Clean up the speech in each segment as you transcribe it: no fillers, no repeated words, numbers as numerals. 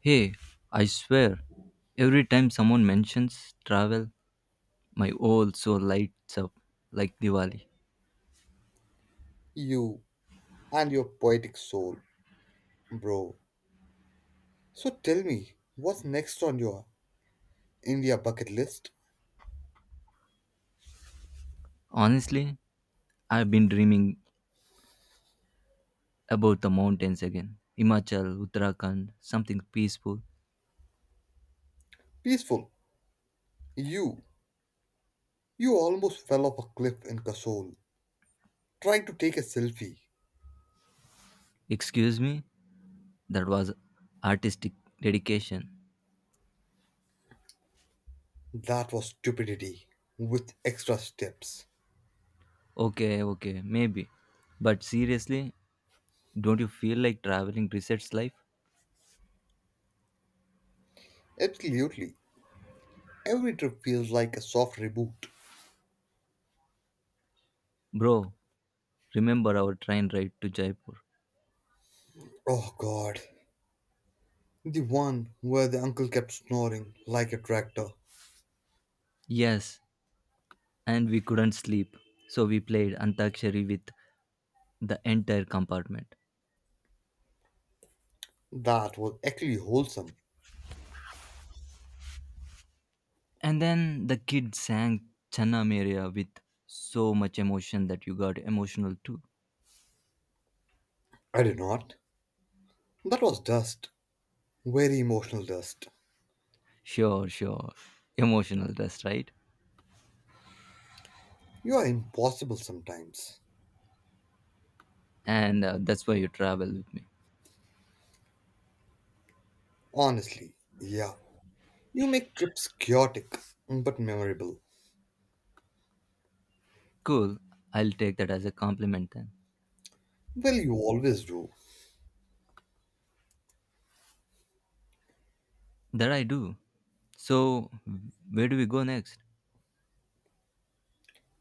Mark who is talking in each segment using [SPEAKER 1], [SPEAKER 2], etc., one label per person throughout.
[SPEAKER 1] Hey, I swear, every time someone mentions travel, my whole soul lights up like Diwali.
[SPEAKER 2] You and your poetic soul, bro. So tell me, what's next on your India bucket list?
[SPEAKER 1] Honestly, I've been dreaming about the mountains again. Himachal, Uttarakhand, something peaceful.
[SPEAKER 2] Peaceful. You. You almost fell off a cliff in Kasol, trying to take a selfie.
[SPEAKER 1] Excuse me? That was artistic dedication.
[SPEAKER 2] That was stupidity, with extra steps.
[SPEAKER 1] Okay, okay, maybe. But seriously, don't you feel like traveling resets life?
[SPEAKER 2] Absolutely. Every trip feels like a soft reboot.
[SPEAKER 1] Bro, remember our train ride to Jaipur?
[SPEAKER 2] Oh god. The one where the uncle kept snoring like a tractor.
[SPEAKER 1] Yes, and we couldn't sleep. So we played Antakshari with the entire compartment.
[SPEAKER 2] That was actually wholesome.
[SPEAKER 1] And then the kid sang Channa Meria with so much emotion that you got emotional too.
[SPEAKER 2] I did not. That was dust. Very emotional dust.
[SPEAKER 1] Sure, sure. Emotional rest, right?
[SPEAKER 2] You are impossible sometimes.
[SPEAKER 1] And that's why you travel with me.
[SPEAKER 2] Honestly, yeah. You make trips chaotic but memorable.
[SPEAKER 1] Cool. I'll take that as a compliment then.
[SPEAKER 2] Well, you always do.
[SPEAKER 1] That I do. So, where do we go next?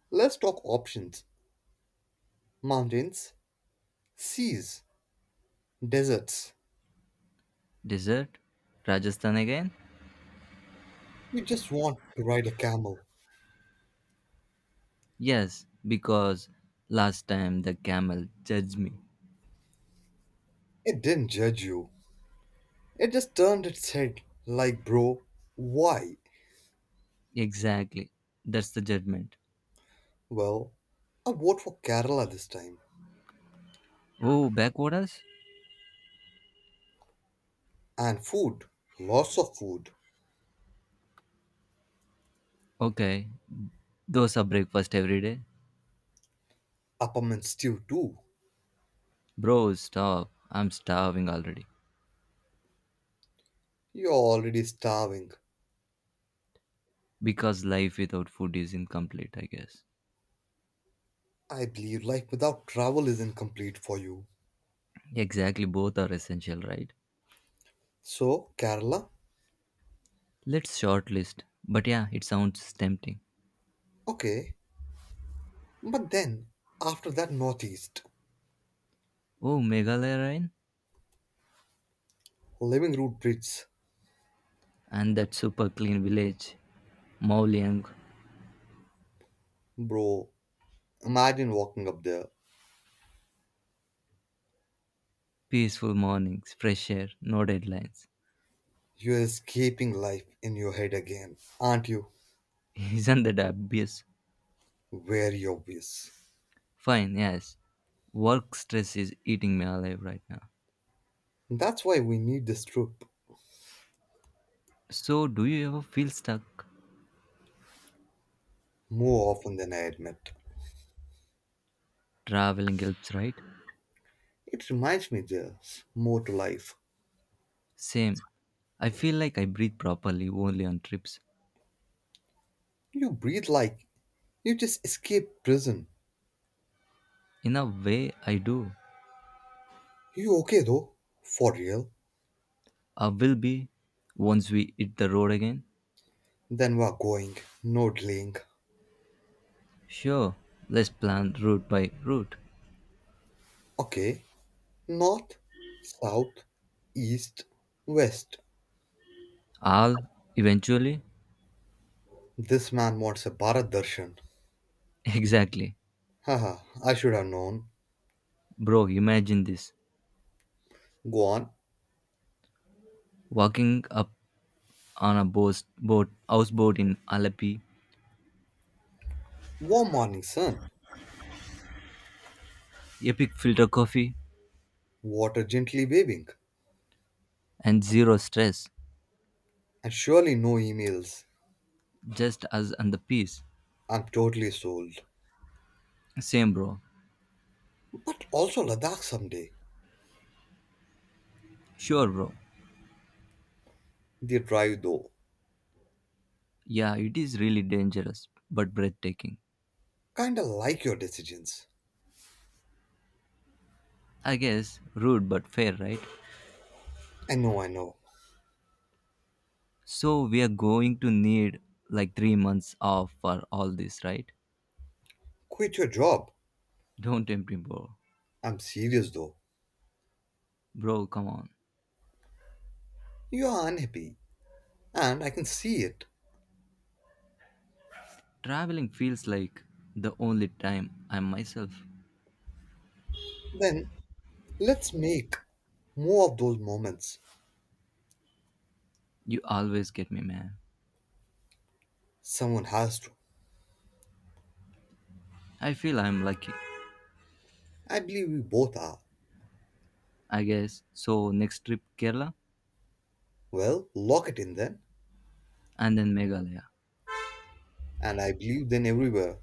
[SPEAKER 2] Let's talk options mountains, seas, deserts.
[SPEAKER 1] Desert? Rajasthan again?
[SPEAKER 2] You just want to ride a camel.
[SPEAKER 1] Yes, because last time the camel judged me.
[SPEAKER 2] It didn't judge you, it just turned its head like, bro, why?
[SPEAKER 1] Exactly. That's the judgment.
[SPEAKER 2] Well, I vote for Kerala this time.
[SPEAKER 1] Oh, backwaters?
[SPEAKER 2] And food, lots of food.
[SPEAKER 1] Okay. Those are breakfast every day.
[SPEAKER 2] Upperman stew too.
[SPEAKER 1] Bro, stop. I'm starving already.
[SPEAKER 2] You're already starving.
[SPEAKER 1] Because life without food is incomplete, I guess.
[SPEAKER 2] I believe life without travel is incomplete for you.
[SPEAKER 1] Exactly, both are essential, right?
[SPEAKER 2] So, Kerala?
[SPEAKER 1] Let's shortlist. But yeah, it sounds tempting.
[SPEAKER 2] Okay. But then, after that northeast,
[SPEAKER 1] Oh, Meghalaya Ryan?
[SPEAKER 2] living root bridge,
[SPEAKER 1] And that super clean village. Mauliang.
[SPEAKER 2] bro, imagine walking up there.
[SPEAKER 1] Peaceful mornings, fresh air, no deadlines.
[SPEAKER 2] You're escaping life in your head again, aren't you?
[SPEAKER 1] Isn't that obvious?
[SPEAKER 2] Very obvious.
[SPEAKER 1] Fine, yes. Work stress is eating me alive right now.
[SPEAKER 2] That's why we need this trip
[SPEAKER 1] So, do you ever feel stuck?
[SPEAKER 2] more often than I admit.
[SPEAKER 1] Traveling helps, right?
[SPEAKER 2] It reminds me there's more to life.
[SPEAKER 1] Same. I feel like I breathe properly only on trips.
[SPEAKER 2] You breathe like you just escaped prison.
[SPEAKER 1] In a way, I do.
[SPEAKER 2] You okay though? For real?
[SPEAKER 1] I will be once we hit the road again.
[SPEAKER 2] Then we're going. No delaying.
[SPEAKER 1] Sure, let's plan route by route.
[SPEAKER 2] Okay, north, south, east, west.
[SPEAKER 1] I'll eventually.
[SPEAKER 2] This man wants a Bharat Darshan.
[SPEAKER 1] Exactly.
[SPEAKER 2] Haha, I should have known.
[SPEAKER 1] Bro, imagine this.
[SPEAKER 2] Go on.
[SPEAKER 1] Walking up on a boat houseboat in Alapi,
[SPEAKER 2] Warm morning sun,
[SPEAKER 1] epic filter coffee,
[SPEAKER 2] water gently waving,
[SPEAKER 1] and zero stress.
[SPEAKER 2] and surely no emails.
[SPEAKER 1] Just us and the peace.
[SPEAKER 2] I'm totally sold.
[SPEAKER 1] Same, bro.
[SPEAKER 2] But also Ladakh someday.
[SPEAKER 1] Sure, bro.
[SPEAKER 2] The drive though,
[SPEAKER 1] Yeah, it is really dangerous, but breathtaking.
[SPEAKER 2] kinda like your decisions.
[SPEAKER 1] I guess rude but fair, right?
[SPEAKER 2] I know, I know.
[SPEAKER 1] So we are going to need like 3 months off for all this, right?
[SPEAKER 2] Quit your job.
[SPEAKER 1] Don't tempt me, bro.
[SPEAKER 2] I'm serious though.
[SPEAKER 1] Bro, come on.
[SPEAKER 2] You are unhappy, and I can see it.
[SPEAKER 1] Traveling feels like the only time I'm myself.
[SPEAKER 2] Then let's make more of those moments.
[SPEAKER 1] You always get me, man.
[SPEAKER 2] Someone has to.
[SPEAKER 1] I feel I'm lucky.
[SPEAKER 2] I believe we both are.
[SPEAKER 1] I guess. So next trip Kerala
[SPEAKER 2] Well, lock it in then.
[SPEAKER 1] and then Meghalaya.
[SPEAKER 2] And I believe then everywhere.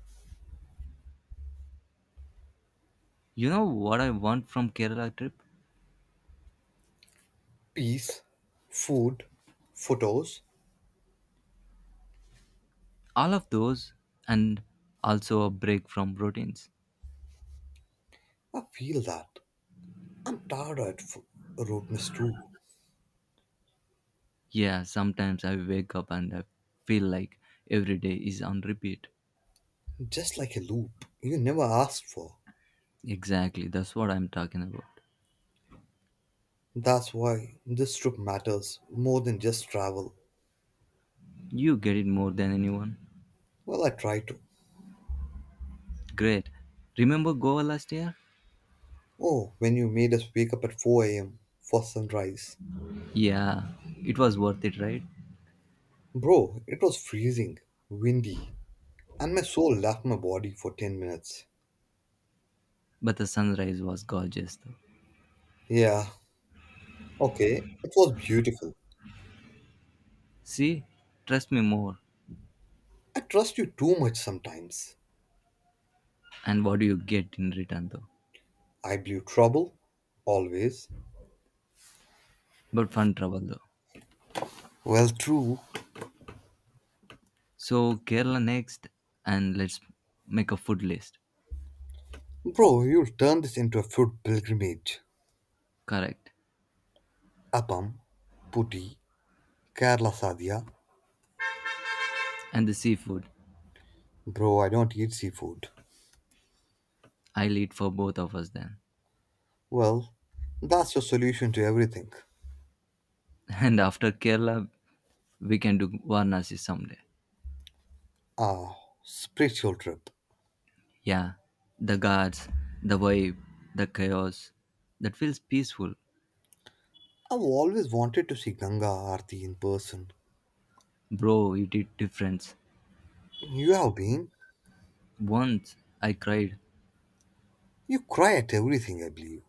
[SPEAKER 1] You know what I want from Kerala trip?
[SPEAKER 2] Peace, food, photos.
[SPEAKER 1] All of those and also a break from routines.
[SPEAKER 2] I feel that. I'm tired of roadness too.
[SPEAKER 1] Yeah, sometimes I wake up and I feel like every day is on repeat.
[SPEAKER 2] Just like a loop you never asked for.
[SPEAKER 1] Exactly, that's what I'm talking about.
[SPEAKER 2] That's why this trip matters more than just travel.
[SPEAKER 1] You get it more than anyone.
[SPEAKER 2] Well, I try to.
[SPEAKER 1] Great. Remember Goa last year?
[SPEAKER 2] Oh, when you made us wake up at 4 a.m. for sunrise.
[SPEAKER 1] Yeah, it was worth it, right?
[SPEAKER 2] Bro, it was freezing, windy, and my soul left my body for 10 minutes.
[SPEAKER 1] But the sunrise was gorgeous, though.
[SPEAKER 2] Yeah, okay, it was beautiful.
[SPEAKER 1] See, trust me more.
[SPEAKER 2] I trust you too much sometimes.
[SPEAKER 1] And what do you get in return, though?
[SPEAKER 2] I blew trouble. Always.
[SPEAKER 1] But fun travel, though.
[SPEAKER 2] Well, true.
[SPEAKER 1] So, Kerala next, and let's make a food list.
[SPEAKER 2] Bro, you'll turn this into a food pilgrimage.
[SPEAKER 1] Correct.
[SPEAKER 2] Appam, putti, Kerala sadhya.
[SPEAKER 1] And the seafood.
[SPEAKER 2] Bro, I don't eat seafood.
[SPEAKER 1] I'll eat for both of us then.
[SPEAKER 2] Well, that's your solution to everything.
[SPEAKER 1] And after Kerala, we can do Varanasi someday.
[SPEAKER 2] Ah, spiritual trip.
[SPEAKER 1] Yeah, the gods, the vibe, the chaos. That feels peaceful.
[SPEAKER 2] I've always wanted to see Ganga Aarti in person.
[SPEAKER 1] Bro, you did difference.
[SPEAKER 2] You have been?
[SPEAKER 1] Once I cried.
[SPEAKER 2] You cry at everything, I believe.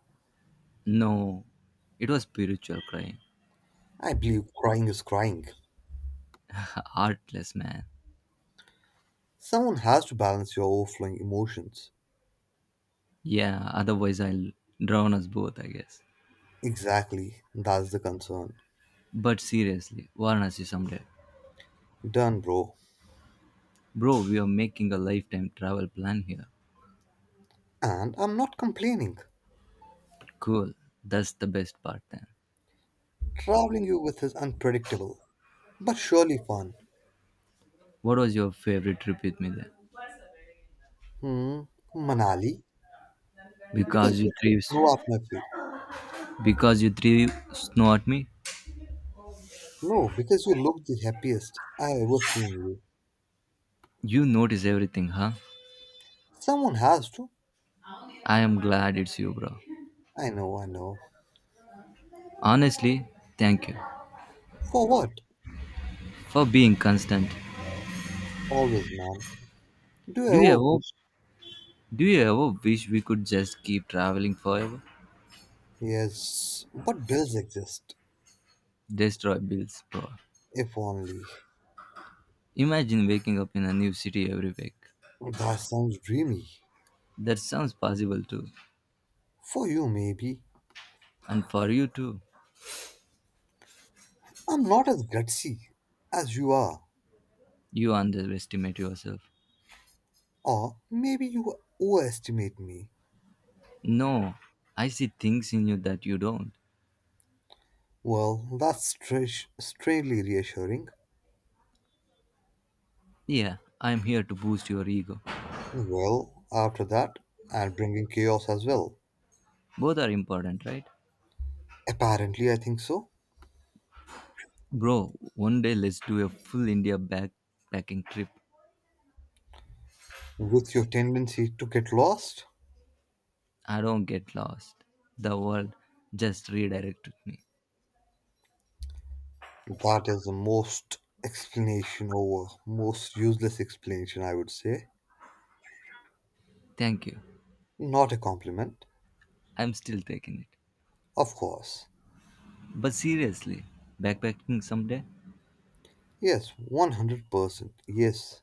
[SPEAKER 1] No, it was spiritual crying.
[SPEAKER 2] I believe crying is crying.
[SPEAKER 1] Heartless, man.
[SPEAKER 2] Someone has to balance your overflowing emotions.
[SPEAKER 1] Yeah, otherwise I'll drown us both, I guess.
[SPEAKER 2] Exactly, that's the concern.
[SPEAKER 1] But seriously, Varanasi someday.
[SPEAKER 2] Done, bro.
[SPEAKER 1] Bro, we are making a lifetime travel plan here.
[SPEAKER 2] And I'm not complaining.
[SPEAKER 1] Cool. That's the best part then.
[SPEAKER 2] Traveling you with is unpredictable, but surely fun.
[SPEAKER 1] What was your favorite trip with me then?
[SPEAKER 2] Hmm, Manali? Because
[SPEAKER 1] Because you
[SPEAKER 2] you took
[SPEAKER 1] three,
[SPEAKER 2] snow off my feet.
[SPEAKER 1] because you three snow at me,
[SPEAKER 2] No, because you look the happiest I ever seen you.
[SPEAKER 1] you notice everything, huh?
[SPEAKER 2] Someone has to.
[SPEAKER 1] I am glad it's you, bro.
[SPEAKER 2] I know, I know.
[SPEAKER 1] Honestly, thank you
[SPEAKER 2] For what?
[SPEAKER 1] for being constant.
[SPEAKER 2] Always, man. Do I
[SPEAKER 1] Do you
[SPEAKER 2] ever
[SPEAKER 1] ever,
[SPEAKER 2] wish?
[SPEAKER 1] do you ever wish we could just keep traveling forever?
[SPEAKER 2] Yes, but bills exist.
[SPEAKER 1] Destroy bills, bro.
[SPEAKER 2] If only.
[SPEAKER 1] Imagine waking up in a new city every week.
[SPEAKER 2] That sounds dreamy.
[SPEAKER 1] That sounds possible too.
[SPEAKER 2] For you, maybe.
[SPEAKER 1] And for you too,
[SPEAKER 2] I'm not as gutsy as you are.
[SPEAKER 1] you underestimate yourself.
[SPEAKER 2] Or maybe you overestimate me.
[SPEAKER 1] No, I see things in you that you don't.
[SPEAKER 2] Well, that's strangely reassuring.
[SPEAKER 1] Yeah, I'm here to boost your ego.
[SPEAKER 2] Well, after that, and bringing chaos as well.
[SPEAKER 1] Both are important, right?
[SPEAKER 2] Apparently, I think so.
[SPEAKER 1] Bro, one day let's do a full India backpacking trip.
[SPEAKER 2] With your tendency to get lost,
[SPEAKER 1] I don't get lost. The world just redirected me.
[SPEAKER 2] that is the most explanation over most useless explanation, I would say.
[SPEAKER 1] Thank you.
[SPEAKER 2] Not a compliment.
[SPEAKER 1] I'm still taking it.
[SPEAKER 2] Of course.
[SPEAKER 1] But seriously, backpacking someday?
[SPEAKER 2] Yes, 100%. Yes.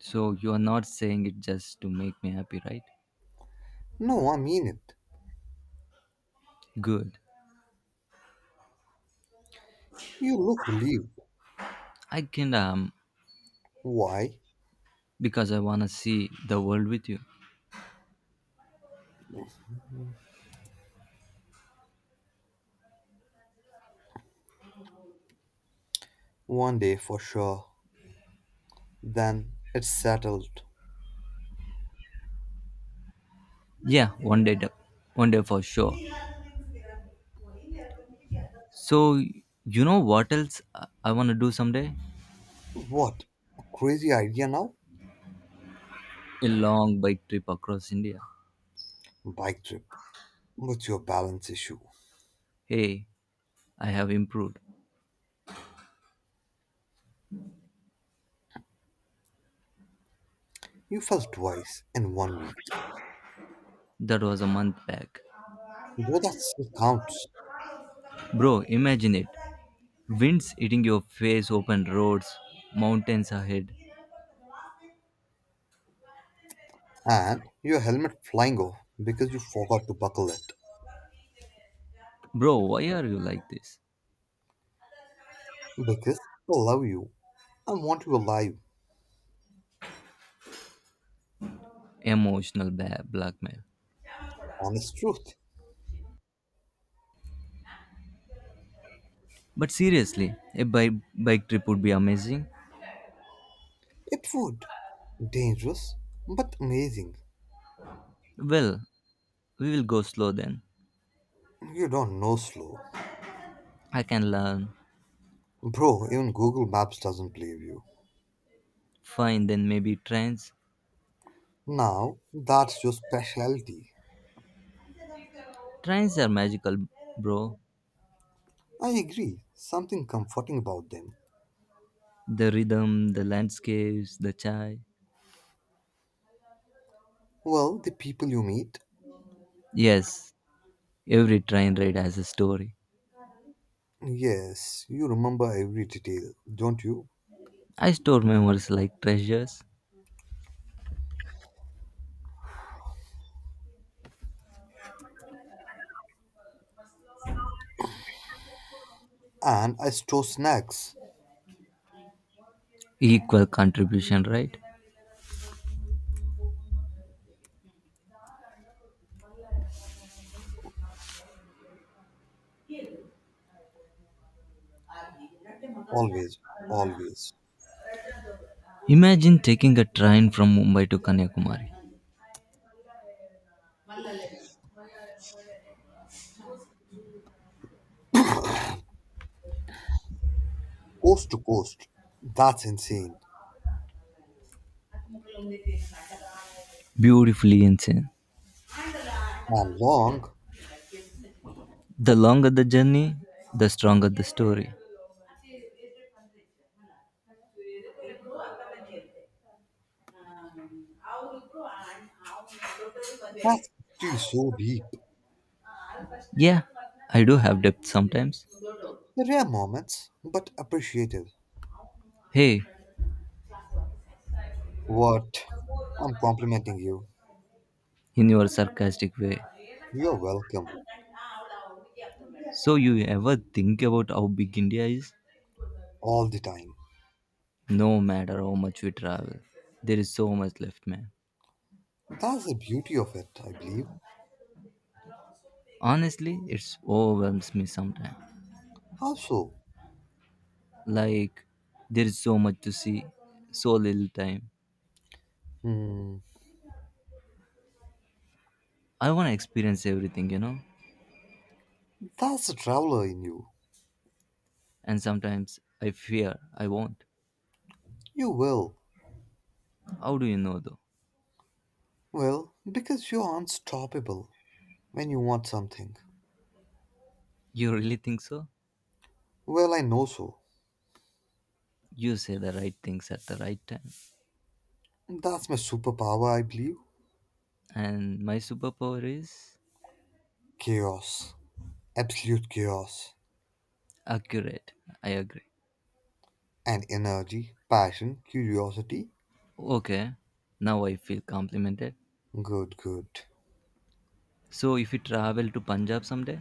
[SPEAKER 1] So you are not saying it just to make me happy, right?
[SPEAKER 2] No, I mean it.
[SPEAKER 1] Good.
[SPEAKER 2] You look relieved.
[SPEAKER 1] I can
[SPEAKER 2] Why?
[SPEAKER 1] because I wanna see the world with you.
[SPEAKER 2] One day for sure. Then it's settled.
[SPEAKER 1] Yeah, one day, one day for sure. So you know what else I wanna do someday?
[SPEAKER 2] What? A crazy idea now?
[SPEAKER 1] A long bike trip across India.
[SPEAKER 2] Bike trip. What's your balance issue?
[SPEAKER 1] Hey, I have improved.
[SPEAKER 2] You fell twice in one week.
[SPEAKER 1] That was a month back.
[SPEAKER 2] Though that still counts.
[SPEAKER 1] Bro, imagine it. Winds hitting your face, open roads, mountains ahead.
[SPEAKER 2] And your helmet flying off because you forgot to buckle it.
[SPEAKER 1] Bro, why are you like this?
[SPEAKER 2] Because I love you. I want you alive.
[SPEAKER 1] Emotional blackmail.
[SPEAKER 2] Honest truth.
[SPEAKER 1] But seriously, a bike trip would be amazing.
[SPEAKER 2] It would. Dangerous, but amazing.
[SPEAKER 1] Well, we will go slow then.
[SPEAKER 2] You don't know slow.
[SPEAKER 1] I can learn.
[SPEAKER 2] Bro, even Google Maps doesn't believe you.
[SPEAKER 1] Fine, then maybe trains.
[SPEAKER 2] Now, that's your specialty.
[SPEAKER 1] Trains are magical, bro.
[SPEAKER 2] I agree. Something comforting about them.
[SPEAKER 1] The rhythm, the landscapes, the chai.
[SPEAKER 2] Well, the people you meet.
[SPEAKER 1] Yes, every train ride has a story.
[SPEAKER 2] Yes, you remember every detail, don't you?
[SPEAKER 1] I store memories like treasures,
[SPEAKER 2] And I store snacks.
[SPEAKER 1] equal contribution, right?
[SPEAKER 2] Always, always.
[SPEAKER 1] Imagine taking a train from Mumbai to Kanyakumari.
[SPEAKER 2] Coast to coast. That's insane.
[SPEAKER 1] Beautifully insane.
[SPEAKER 2] And long.
[SPEAKER 1] The longer the journey, the stronger the story.
[SPEAKER 2] That's actually so deep.
[SPEAKER 1] Yeah, I do have depth sometimes.
[SPEAKER 2] Rare moments, but appreciated.
[SPEAKER 1] Hey,
[SPEAKER 2] What? I'm complimenting you.
[SPEAKER 1] in your sarcastic way.
[SPEAKER 2] You're welcome.
[SPEAKER 1] So, you ever think about how big India is?
[SPEAKER 2] All the time.
[SPEAKER 1] No matter how much we travel, there is so much left, man.
[SPEAKER 2] That's the beauty of it, I believe.
[SPEAKER 1] Honestly, it overwhelms me sometimes.
[SPEAKER 2] How so?
[SPEAKER 1] Like, there is so much to see, so little time.
[SPEAKER 2] Hmm.
[SPEAKER 1] I want to experience everything, you know?
[SPEAKER 2] That's the traveler in you.
[SPEAKER 1] And sometimes I fear I won't.
[SPEAKER 2] You will.
[SPEAKER 1] How do you know, though?
[SPEAKER 2] Well, because you're unstoppable when you want something.
[SPEAKER 1] You really think so?
[SPEAKER 2] Well, I know so.
[SPEAKER 1] You say the right things at the right time.
[SPEAKER 2] That's my superpower, I believe.
[SPEAKER 1] And my superpower is
[SPEAKER 2] Chaos. Absolute chaos.
[SPEAKER 1] accurate. I agree.
[SPEAKER 2] And energy, passion, curiosity.
[SPEAKER 1] Okay, now I feel complimented.
[SPEAKER 2] Good, good.
[SPEAKER 1] So if you travel to Punjab someday,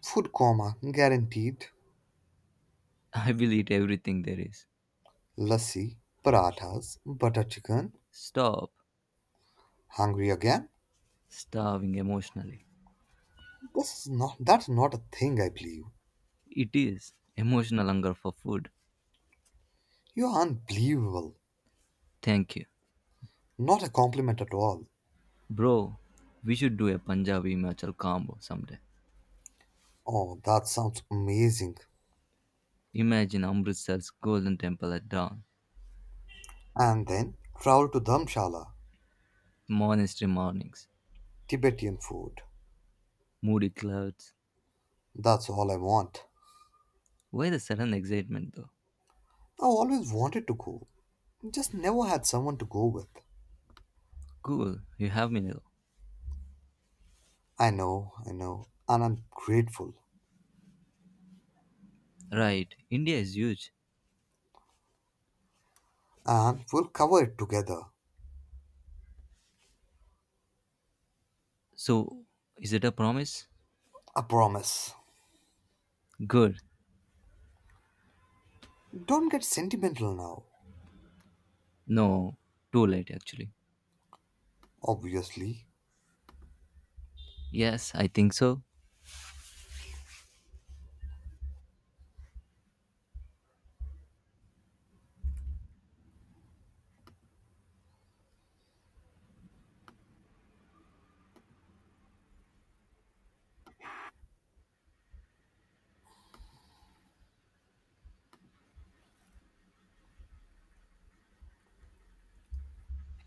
[SPEAKER 2] Food coma, guaranteed.
[SPEAKER 1] I will eat everything there is.
[SPEAKER 2] Lassi, parathas, butter chicken.
[SPEAKER 1] Stop
[SPEAKER 2] Hungry again?
[SPEAKER 1] starving emotionally.
[SPEAKER 2] This is not, that's not a thing, I believe.
[SPEAKER 1] It is emotional hunger for food.
[SPEAKER 2] You're unbelievable.
[SPEAKER 1] Thank you.
[SPEAKER 2] Not a compliment at all.
[SPEAKER 1] Bro, we should do a Punjabi Himachal combo someday.
[SPEAKER 2] Oh, that sounds amazing.
[SPEAKER 1] Imagine Amritsar's golden temple at dawn,
[SPEAKER 2] And then travel to Dharamshala,
[SPEAKER 1] monastery mornings,
[SPEAKER 2] Tibetan food.
[SPEAKER 1] moody clouds,
[SPEAKER 2] That's all I want.
[SPEAKER 1] why the sudden excitement though?
[SPEAKER 2] I always wanted to go, just never had someone to go with.
[SPEAKER 1] Cool, you have me now.
[SPEAKER 2] I know, and I'm grateful.
[SPEAKER 1] Right, India is huge.
[SPEAKER 2] And we'll cover it together.
[SPEAKER 1] So, is it a promise?
[SPEAKER 2] I promise.
[SPEAKER 1] Good.
[SPEAKER 2] Don't get sentimental now,
[SPEAKER 1] No, too late actually.
[SPEAKER 2] obviously.
[SPEAKER 1] Yes, I think so.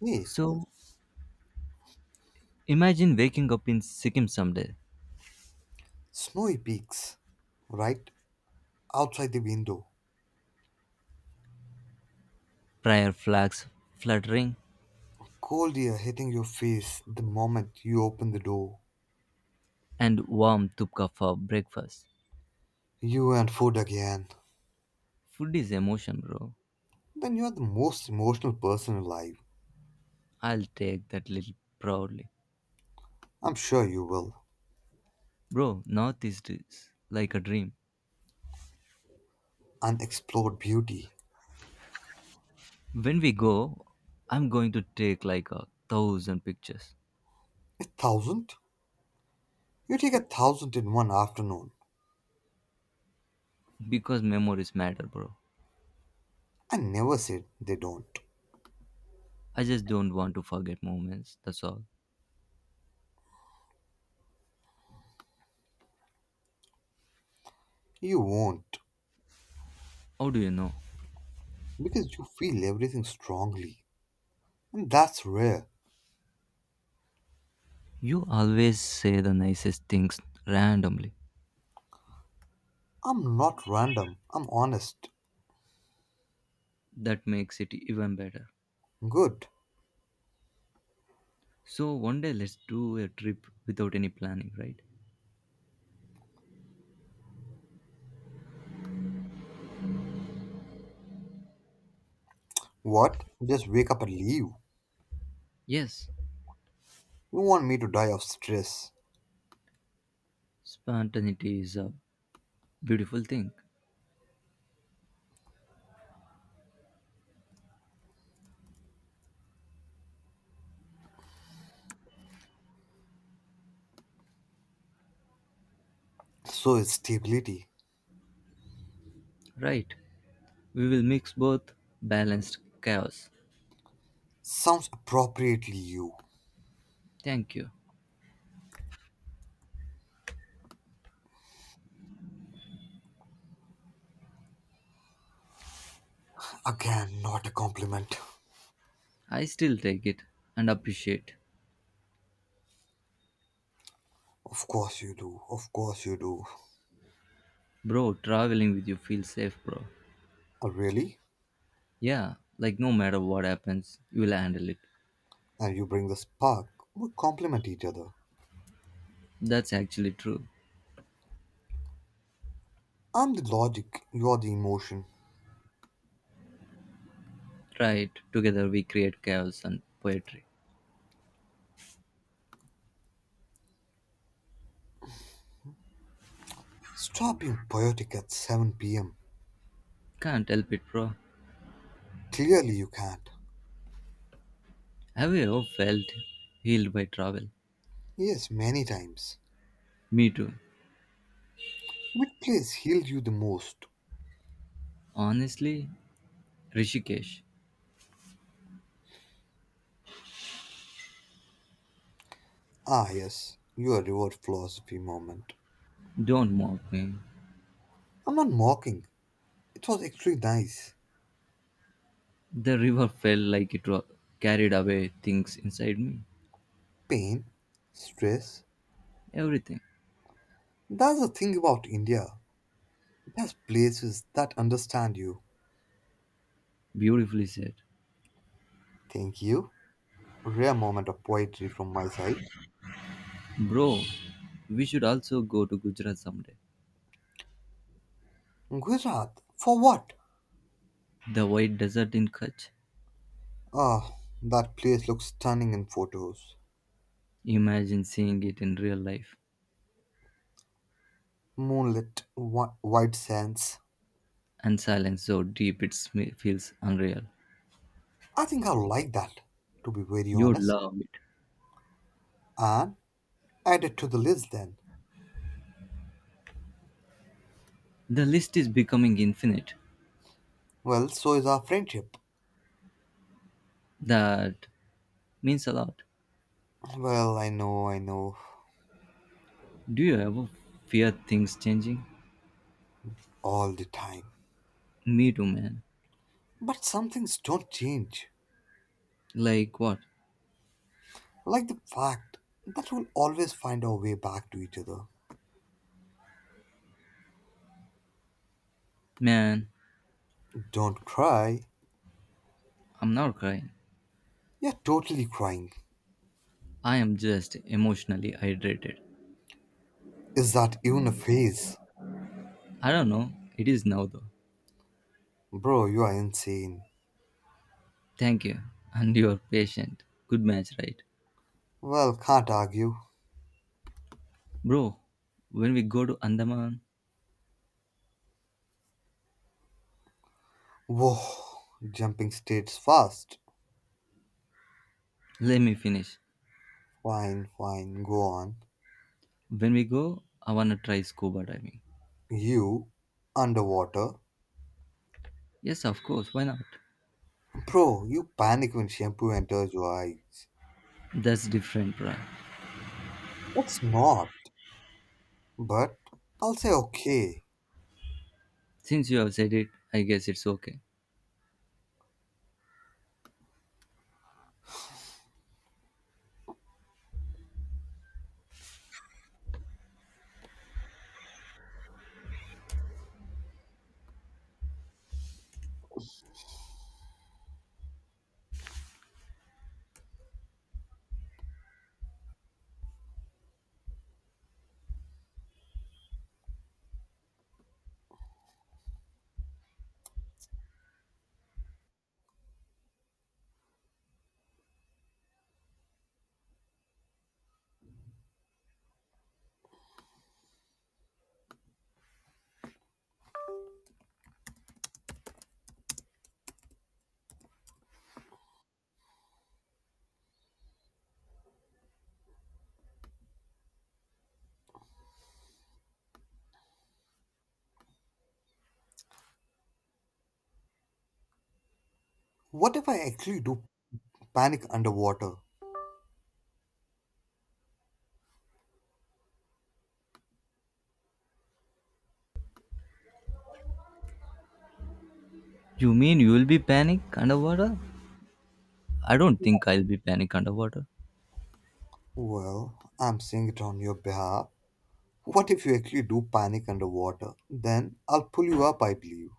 [SPEAKER 2] Hey,
[SPEAKER 1] So, imagine waking up in Sikkim someday,
[SPEAKER 2] snowy peaks, right outside the window.
[SPEAKER 1] prayer flags fluttering,
[SPEAKER 2] Cold air hitting your face the moment you open the door.
[SPEAKER 1] and warm tupka for breakfast.
[SPEAKER 2] You and food again.
[SPEAKER 1] Food is emotion, bro.
[SPEAKER 2] Then you're the most emotional person alive.
[SPEAKER 1] I'll take that little proudly.
[SPEAKER 2] I'm sure you will.
[SPEAKER 1] Bro, Northeast is like a dream.
[SPEAKER 2] Unexplored beauty.
[SPEAKER 1] When we go, I'm going to take like a thousand pictures.
[SPEAKER 2] A thousand? You take a thousand in one afternoon.
[SPEAKER 1] Because memories matter, bro.
[SPEAKER 2] I never said they don't.
[SPEAKER 1] I just don't want to forget moments, that's all.
[SPEAKER 2] You won't.
[SPEAKER 1] How do you know?
[SPEAKER 2] Because you feel everything strongly. And that's rare.
[SPEAKER 1] You always say the nicest things randomly.
[SPEAKER 2] I'm not random. I'm honest.
[SPEAKER 1] That makes it even better.
[SPEAKER 2] Good.
[SPEAKER 1] So, one day let's do a trip without any planning, right?
[SPEAKER 2] What? Just wake up and leave.
[SPEAKER 1] Yes,
[SPEAKER 2] You want me to die of stress.
[SPEAKER 1] spontaneity is a beautiful thing,
[SPEAKER 2] So is stability.
[SPEAKER 1] right? We will mix both balanced chaos.
[SPEAKER 2] Sounds appropriately you.
[SPEAKER 1] Thank you.
[SPEAKER 2] Again, not a compliment.
[SPEAKER 1] I still take it and appreciate.
[SPEAKER 2] Of course you do. Of course you do.
[SPEAKER 1] Bro, traveling with you feels safe, bro.
[SPEAKER 2] Oh, really?
[SPEAKER 1] Yeah, like no matter what happens, you will handle it.
[SPEAKER 2] And you bring the spark. We complement each other.
[SPEAKER 1] That's actually true.
[SPEAKER 2] I'm the logic, you're the emotion.
[SPEAKER 1] Right, together we create chaos and poetry.
[SPEAKER 2] Stop being poetic at 7 pm.
[SPEAKER 1] Can't help it, bro.
[SPEAKER 2] Clearly you can't.
[SPEAKER 1] Have you ever felt healed by travel?
[SPEAKER 2] Yes, many times.
[SPEAKER 1] Me too.
[SPEAKER 2] Which place healed you the most?
[SPEAKER 1] Honestly, Rishikesh,
[SPEAKER 2] Ah, yes, your reward philosophy moment.
[SPEAKER 1] don't mock me.
[SPEAKER 2] I'm not mocking. It was actually nice.
[SPEAKER 1] The river felt like it carried away things inside me.
[SPEAKER 2] Pain, stress.
[SPEAKER 1] Everything.
[SPEAKER 2] That's the thing about India. It has places that understand you.
[SPEAKER 1] Beautifully said.
[SPEAKER 2] Thank you. Rare moment of poetry from my side.
[SPEAKER 1] Bro, we should also go to Gujarat someday.
[SPEAKER 2] Gujarat, for what?
[SPEAKER 1] The white desert in Kutch.
[SPEAKER 2] Ah, that place looks stunning in photos.
[SPEAKER 1] Imagine seeing it in real life.
[SPEAKER 2] Moonlit, white sands.
[SPEAKER 1] And silence so deep it feels unreal.
[SPEAKER 2] I think I'll like that, to be very
[SPEAKER 1] You would
[SPEAKER 2] honest.
[SPEAKER 1] love it.
[SPEAKER 2] And add it to the list then.
[SPEAKER 1] The list is becoming infinite.
[SPEAKER 2] Well, so is our friendship.
[SPEAKER 1] That means a lot.
[SPEAKER 2] Well, I know,
[SPEAKER 1] Do you ever fear things changing?
[SPEAKER 2] all the time.
[SPEAKER 1] Me too, man.
[SPEAKER 2] But some things don't change.
[SPEAKER 1] Like what?
[SPEAKER 2] Like the fact that we'll always find our way back to each other.
[SPEAKER 1] Man,
[SPEAKER 2] Don't cry.
[SPEAKER 1] I'm not crying.
[SPEAKER 2] You're totally crying.
[SPEAKER 1] I am just emotionally hydrated.
[SPEAKER 2] Is that even a phase?
[SPEAKER 1] I don't know. It is now though.
[SPEAKER 2] Bro, you are insane.
[SPEAKER 1] Thank you. And you are patient. Good match, right?
[SPEAKER 2] Well, can't argue.
[SPEAKER 1] Bro, when we go to Andaman,
[SPEAKER 2] Whoa, jumping states fast.
[SPEAKER 1] let me finish.
[SPEAKER 2] Fine, fine, go on.
[SPEAKER 1] When we go, I wanna try scuba diving.
[SPEAKER 2] You, underwater.
[SPEAKER 1] Yes, of course. Why not?
[SPEAKER 2] Bro, you panic when shampoo enters your eyes.
[SPEAKER 1] That's different, bruh.
[SPEAKER 2] It's not. But I'll say, okay,
[SPEAKER 1] Since you have said it, I guess it's okay.
[SPEAKER 2] what if I actually do panic underwater?
[SPEAKER 1] You mean you will be panic underwater? I don't think I'll be panic underwater.
[SPEAKER 2] Well, I'm saying it on your behalf. What if you actually do panic underwater? Then I'll pull you up, I believe.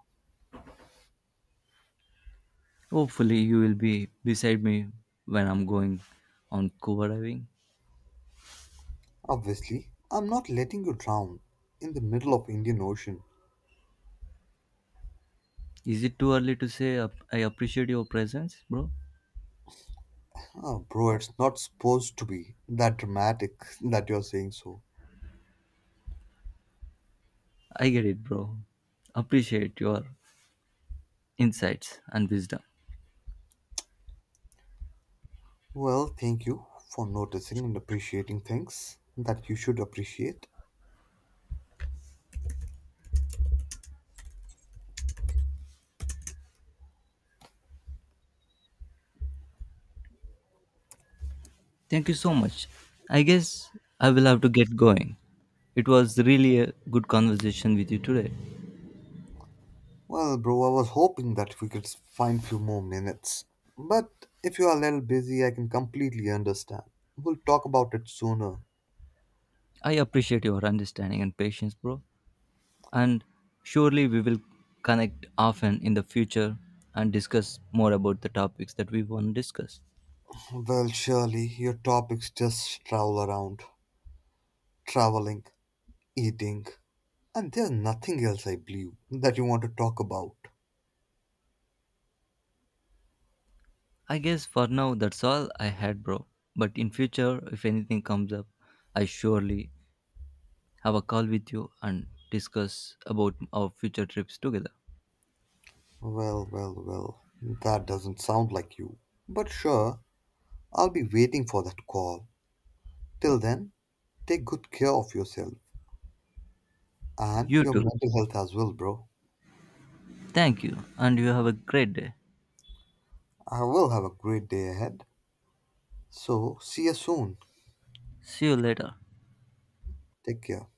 [SPEAKER 1] Hopefully, you will be beside me when I'm going on scuba diving.
[SPEAKER 2] Obviously, I'm not letting you drown in the middle of Indian Ocean.
[SPEAKER 1] Is it too early to say I appreciate your presence, bro?
[SPEAKER 2] Oh, bro, it's not supposed to be that dramatic that you're saying so.
[SPEAKER 1] I get it, bro. Appreciate your insights and wisdom.
[SPEAKER 2] Well, thank you for noticing and appreciating things that you should appreciate.
[SPEAKER 1] Thank you so much. I guess I will have to get going. It was really a good conversation with you today.
[SPEAKER 2] Well, bro, I was hoping that we could find few more minutes. But if you are a little busy, I can completely understand. We'll talk about it sooner.
[SPEAKER 1] I appreciate your understanding and patience, bro. And surely we will connect often in the future and discuss more about the topics that we want to discuss.
[SPEAKER 2] Well, surely your topics just travel around traveling, eating, and there's nothing else I believe that you want to talk about.
[SPEAKER 1] I guess for now that's all I had, bro. But in future, if anything comes up, I surely have a call with you and discuss about our future trips together.
[SPEAKER 2] Well, well, well, that doesn't sound like you. But sure, I'll be waiting for that call. Till then, take good care of yourself and
[SPEAKER 1] You
[SPEAKER 2] your
[SPEAKER 1] too.
[SPEAKER 2] mental health as well, bro.
[SPEAKER 1] Thank you, and you have a great day.
[SPEAKER 2] I will have a great day ahead. So, see you soon.
[SPEAKER 1] See you later.
[SPEAKER 2] Take care.